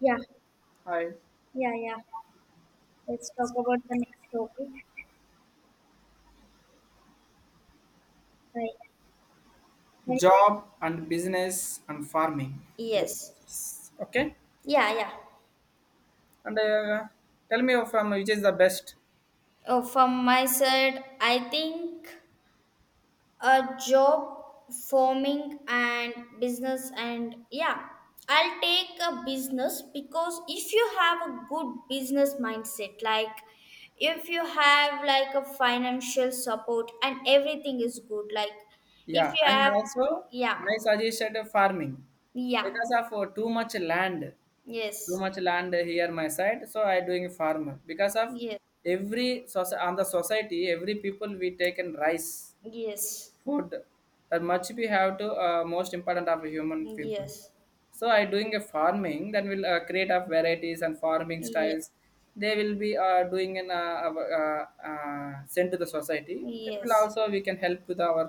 Yeah, Hi. yeah, yeah. Let's talk about the next topic. Right. right. Job and business and farming Yes. differences, okay. Yeah, yeah. and Tell me from which is the best. Oh, from my side, I think a job forming and business and yeah, I'll take a business because if you have a good business mindset, like if you have like a financial support and everything is good, like if Yeah, you and have also yeah, my suggested farming yeah, because of too much land. too yes, much land here my side, so I doing farm because of yes, every on the society every people we take in rice yes. food. That much we have to, most important of human people. Yes, So I doing a farming, then we'll create of varieties and farming yes, styles. They will be doing in sent to the society. That will yes. also we can help with our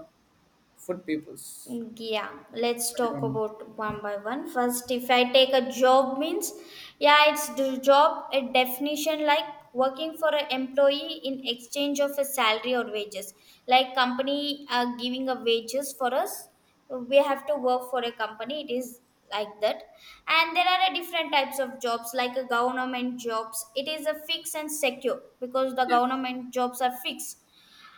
food peoples. Yeah, let's talk What? about one by one. First, if I take a job means, yeah, it's the job a definition like working for an employee in exchange of a salary or wages. Like company are giving a wages for us, we have to work for a company. It is like that. And there are a different types of jobs like a government jobs. It is a fixed and secure because the Yes, government jobs are fixed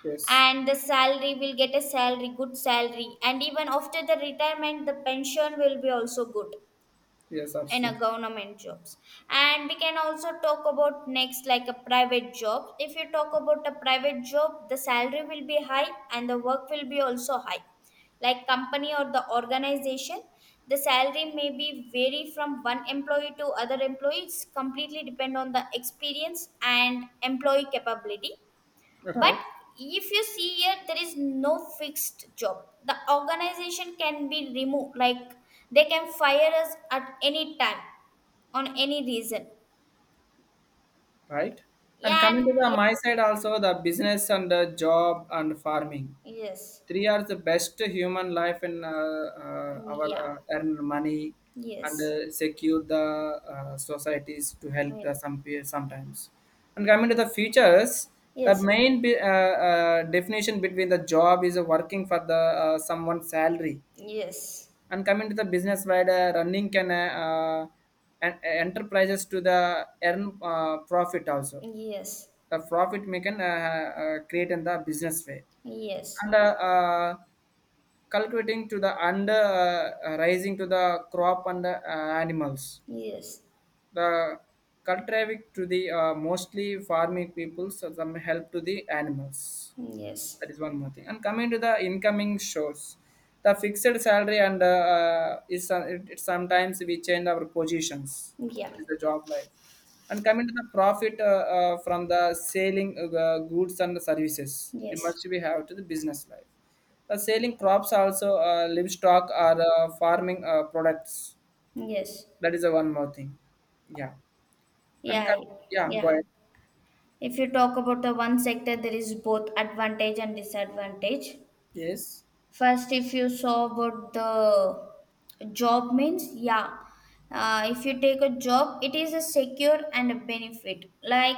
yes, and the salary will get a salary good salary and even after the retirement the pension will be also good yes, in a absolutely, government jobs and we can also talk about next like a private job if you talk about a private job the salary will be high and the work will be also high like company or the organization the salary may be vary from one employee to other employees completely depend on the experience and employee capability but right. if you see here, there is no fixed job. The organization can be removed, like they can fire us at any time on any reason. Right? And coming And to the yeah, my side also, the business and the job and farming, yes, three are the best human life in our yeah, earn money, and yes, uh, secure the societies to help yeah, the some peers sometimes. And coming to the futures, yes, the yes, yes, main definition between the job is working for the someone's salary, yes, and coming to the business side, running can. Enterprises to the earn profit also, yes, yes, the profit making create in the business way, and cultivating to the under rising to the crop and animals, the cultivated to the mostly farming people, so some help to the animals. That is one more thing. And coming to the incoming shores, the fixed salary and is it sometimes we change our positions. yeah, That is the job life. And coming to the profit from the selling goods and services, we yes, must we have to the business life. The selling crops also livestock or farming products. yes, That is the one more thing. Yeah. And yeah, yeah, go yeah. ahead. If you talk about the one sector, there is both advantage and disadvantage. Yes, First, if you saw about the job means, yeah. If you take a job, it is a secure and a benefit. Like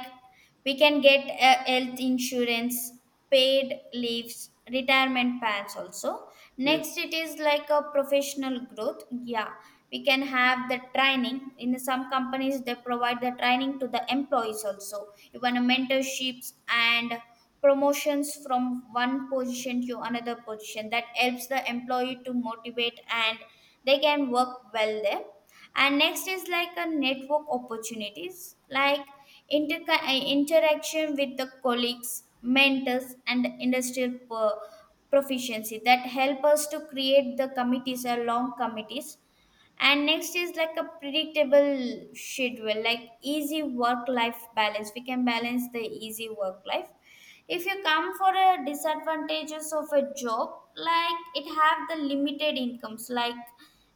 we can get a health insurance, paid leaves, retirement plans also. yes, Next, it is like a professional growth. Yeah, we can have the training. In some companies, they provide the training to the employees also. Even mentorships and promotions from one position to another position that helps the employee to motivate and they can work well there and next is like a network opportunities like interaction with the colleagues mentors and industrial proficiency that help us to create the committees or long committees and next is like a predictable schedule like easy work life balance we can balance the easy work life if you come for a disadvantages of a job like it have the limited incomes like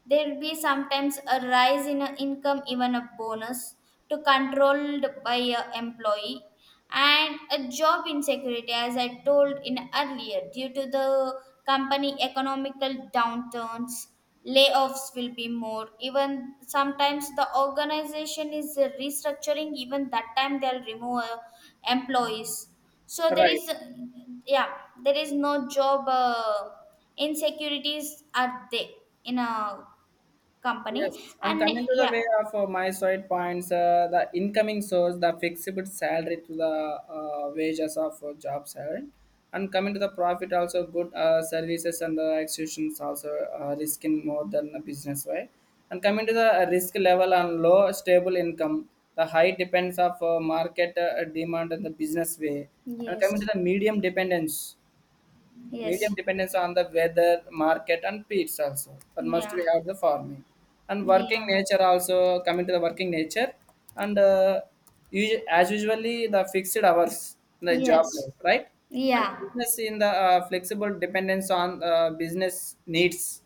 there'll be sometimes a rise in a income even a bonus to controlled by a employee and a job insecurity as I told in earlier due to the company economical downturns layoffs will be more even sometimes the organization is restructuring even that time they'll remove employees so there right. is yeah there is no job insecurities are there in a company Yes, and and coming to the way yeah of my side points, the incoming source, the fixable salary to the wages of job salary, and coming to the profit also good services and the executions also risking more than the business, right. And coming to the risk level and low stable income, the high depends of market demand and the business way, and coming to yes the medium dependence. Medium yes dependence on the weather, market, and peats also. But must yeah we have the farming and working yeah nature also, coming to the working nature and as usually the fixed hours in the job yes life, right? And yeah business in the flexible dependence on business needs.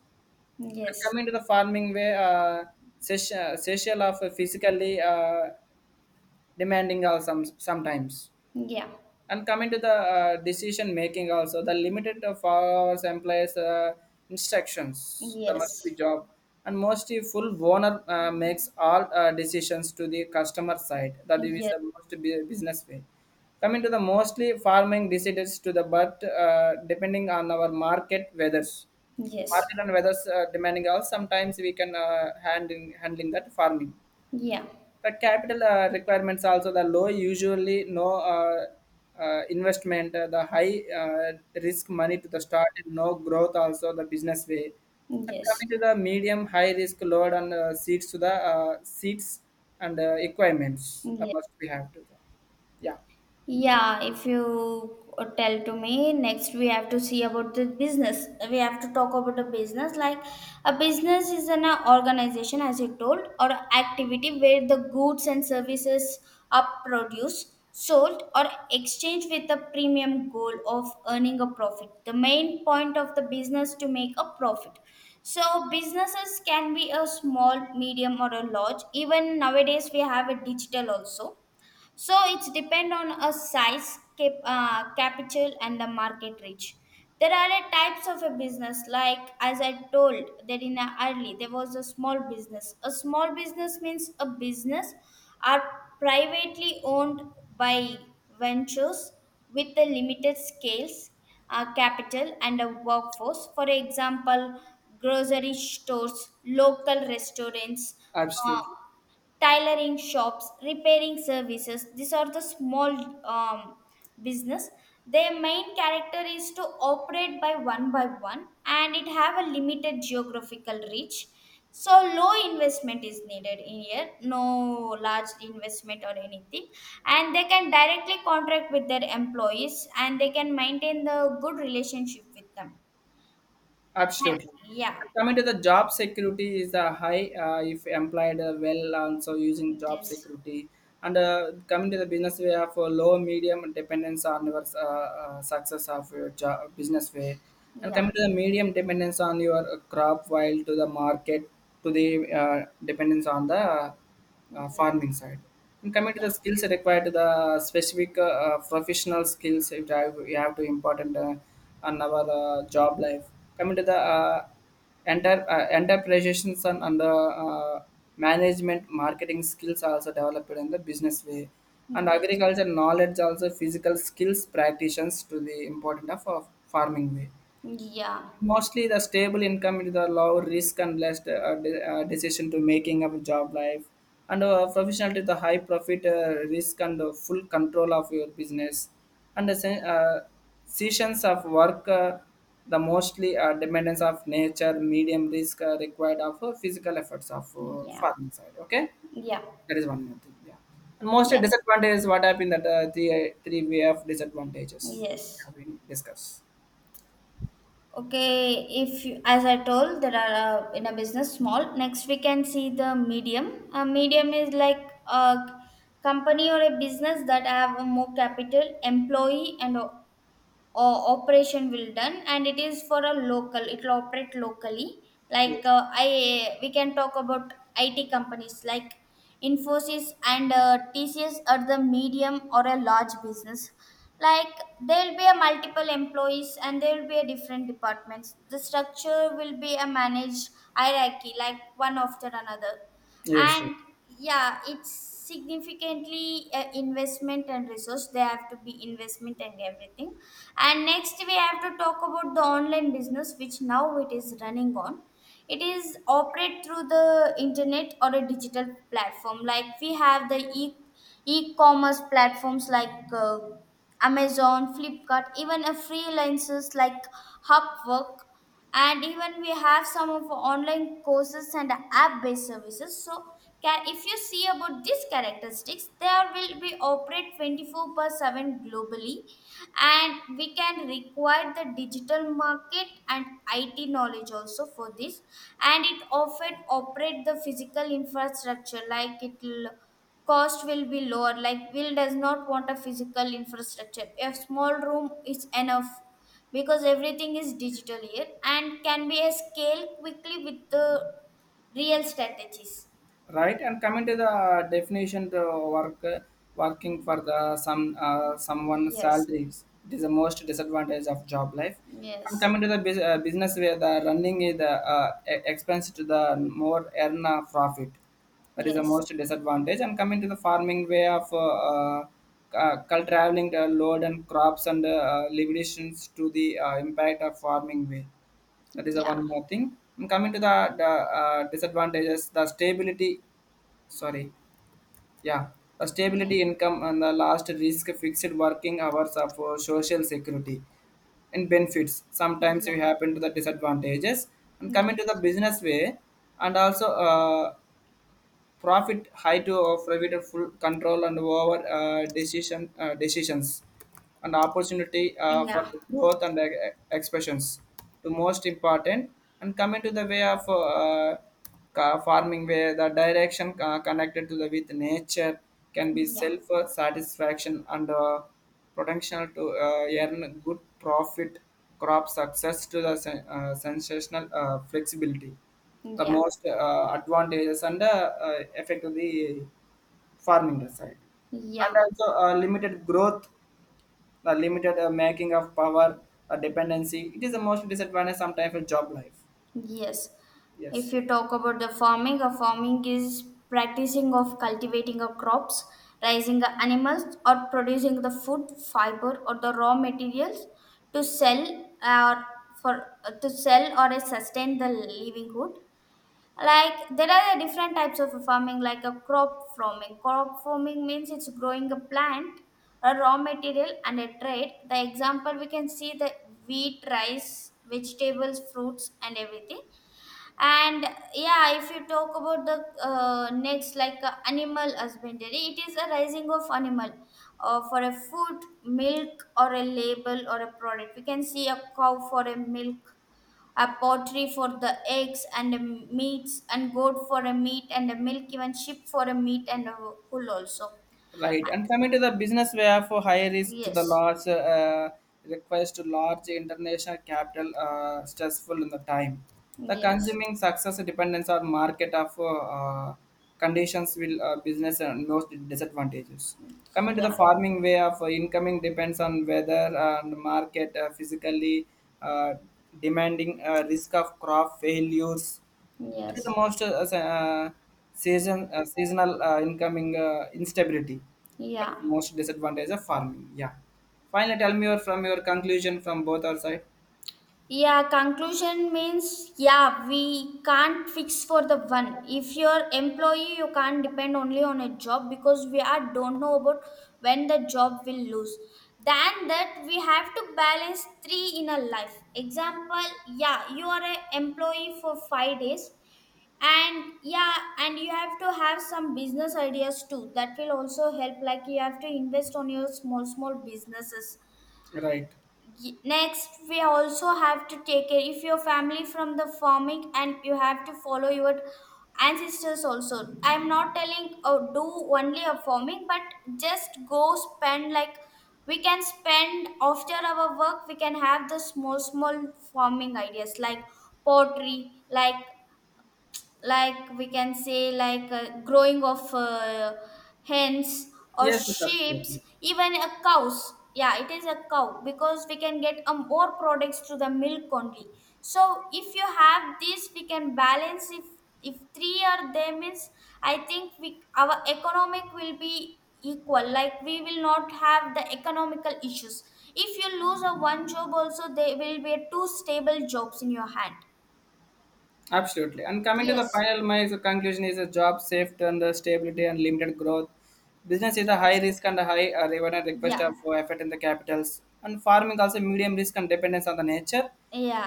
And yes coming to the farming way, session of physically demanding also sometimes, yeah and coming to the decision making also, the limited of hours employees instructions the must be yes job, and mostly full owner makes all decisions to the customer side, that is yes the most business way. Coming to the mostly farming decisions to the, but depending on our market weathers, yes market and weathers demanding also, sometimes we can handling that farming, yeah yes the capital requirements also the low usually no investment, the high risk money to the start and no growth also the business way. And yes, coming to the medium high risk load and seats to the seats and equipments yes. must we have to the, yeah, Yeah, if you tell to me, next we have to see about the business. We have to talk about the business. Like a business is an organization, as you told, or activity where the goods and services are produced, sold, or exchanged with a premium goal of earning a profit. The main point of the business to make a profit. So businesses can be a small, medium, or a large. Even nowadays, we have a digital also so it's depend on a size capital and the market reach there are a types of a business like as I told that in a early there was a small business means a business are privately owned by ventures with a limited scales capital and a workforce for example grocery stores local restaurants uh, absolutely. tailoring shops, repairing services. These are the small um, business. Their main character is to operate by one, and it have a limited geographical reach. So low investment is needed in here, no large investment or anything, and they can directly contract with their employees, and they can maintain the good relationship with them. Yeah. Absolutely. yeah And coming to the job security is the high, if employed well also using job Yes. security, and coming to the business way of low medium dependence on your success of your job, business way, and Yeah. coming to the medium dependence on your crop while to the market, to the dependence on the Yes. farming side. And coming to the Yeah. skills required, to the specific professional skills you have to important on our job life. Coming to the enterprises and the uh, management marketing skills are also developed in the business way. And Yes. agriculture knowledge also, physical skills practitioners to the important of farming way. Yeah, Mostly the stable income is the low risk and less decision to making of job life, and professional to the high profit risk and full control of your business, and the sessions of work, the mostly dependence of nature medium risk required of physical efforts of yeah, farming side, okay. yeah, That is one more thing. Yeah. And mostly yeah, disadvantage is what happened that three way of disadvantages yes. have been discussed. Okay, if you, as I told, there are in a business small. Next, we can see the medium. A medium is like a company or a business that have more capital, employee, and all Or operation will done and it is for a local it will operate locally like Yes, I we can talk about it companies like infosys and tcs are the medium or a large business like there will be a multiple employees and there will be a different departments the structure will be a managed hierarchy like one after another yes, and yeah it's significantly investment and resource they have to be investment and everything and next we have to talk about the online business which now it is running on it is operate through the internet or a digital platform like we have the e e-commerce platforms like amazon flipkart even a freelancers like upwork and even we have some of online courses and app-based services so can, if you see about these characteristics there will be operate 24 per 7 globally and we can require the digital market and IT knowledge also for this and it often operate the physical infrastructure like it will cost will be lower like will does not want a physical infrastructure a small room is enough because everything is digital here and can be a scale quickly with the real strategies right, and coming to the definition, the work working for the some someone yes salaries, it is the most disadvantage of job life, and yes coming to the business where the running is the expense to the more earn a profit, that is the yes most disadvantage, and coming to the farming way of traveling the load and crops and limitations to the impact of farming way, that is the yeah one more thing, and coming to the disadvantages, the stability, sorry, yeah, a yeah stability income and the last risk fixed working hours of social security and benefits, sometimes we yeah happen to the disadvantages, and coming to the yes business way and also profit high to of provided full control and over decisions and opportunity for Yeah, growth and expressions. The most important, and coming to the way of farming where the direction connected to the with nature, can be yeah, self satisfaction and potential to earn good profit, crop success to the sensational flexibility, the yeah, most advantages and effect of the farming side, yeah, and also limited growth, the limited making of power, dependency. It is the most disadvantage sometimes for job life. yes. If Yes. you talk about the farming, a farming is practicing of cultivating a crops, raising a animals, or producing the food, fiber, or the raw materials to sell or for to sell or sustain the livelihood. Like there are different types of farming like a crop farming means it's growing a plant a raw material and a trade the example we can see the wheat rice vegetables fruits and everything and yeah if you talk about the next like animal husbandry it is a raising of animal for a food milk or a label or a product we can see a cow for a milk a poultry for the eggs and the meats and goat for a meat and a milk even sheep for a meat and a wool also Right, and coming to the business where for higher risk to the yes large, requires to large international capital stressful in the time. The yes consuming success dependence on market of conditions will business and most disadvantages. Coming to the yeah farming way of incoming depends on weather and market, physically uh, demanding risk of crop failures, that is the yes most seasonal incoming instability. That yeah is the most disadvantage of farming. Yeah. Finally, tell me your, from your conclusion from both our side. Yeah, conclusion means yeah, we can't fix for the one. If you're employee, you can't depend only on a job because we are don't know about when the job will lose. Than that, we have to balance three in a life. Example, yeah, you are a employee for 5 days, and yeah, and you have to have some business ideas too. That will also help. Like you have to invest on your small businesses Right. Next we also have to take care if your family from the farming and you have to follow your ancestors also I'm not telling oh, do only a farming but just go spend like we can spend after our work we can have the small farming ideas like pottery like we can say like growing of hens or Yes, yes, sheep absolutely. even a cows yeah it is a cow because we can get a more products to the milk only so if you have this we can balance if three are there means I think we our economic will be equal like we will not have the economical issues if you lose a one job also there will be a two stable jobs in your hand Absolutely. And coming to the yes final, my conclusion is a job safe and the stability and limited growth. Business is a high yes risk and a high revenue request Yeah. of effort in the capitals. And farming also medium risk and dependence on the nature.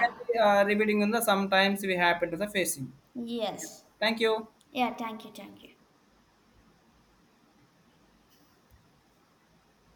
Can be repeating in the sometimes we happen to the facing. Yes. Thank you. Yeah. Thank you. Thank you.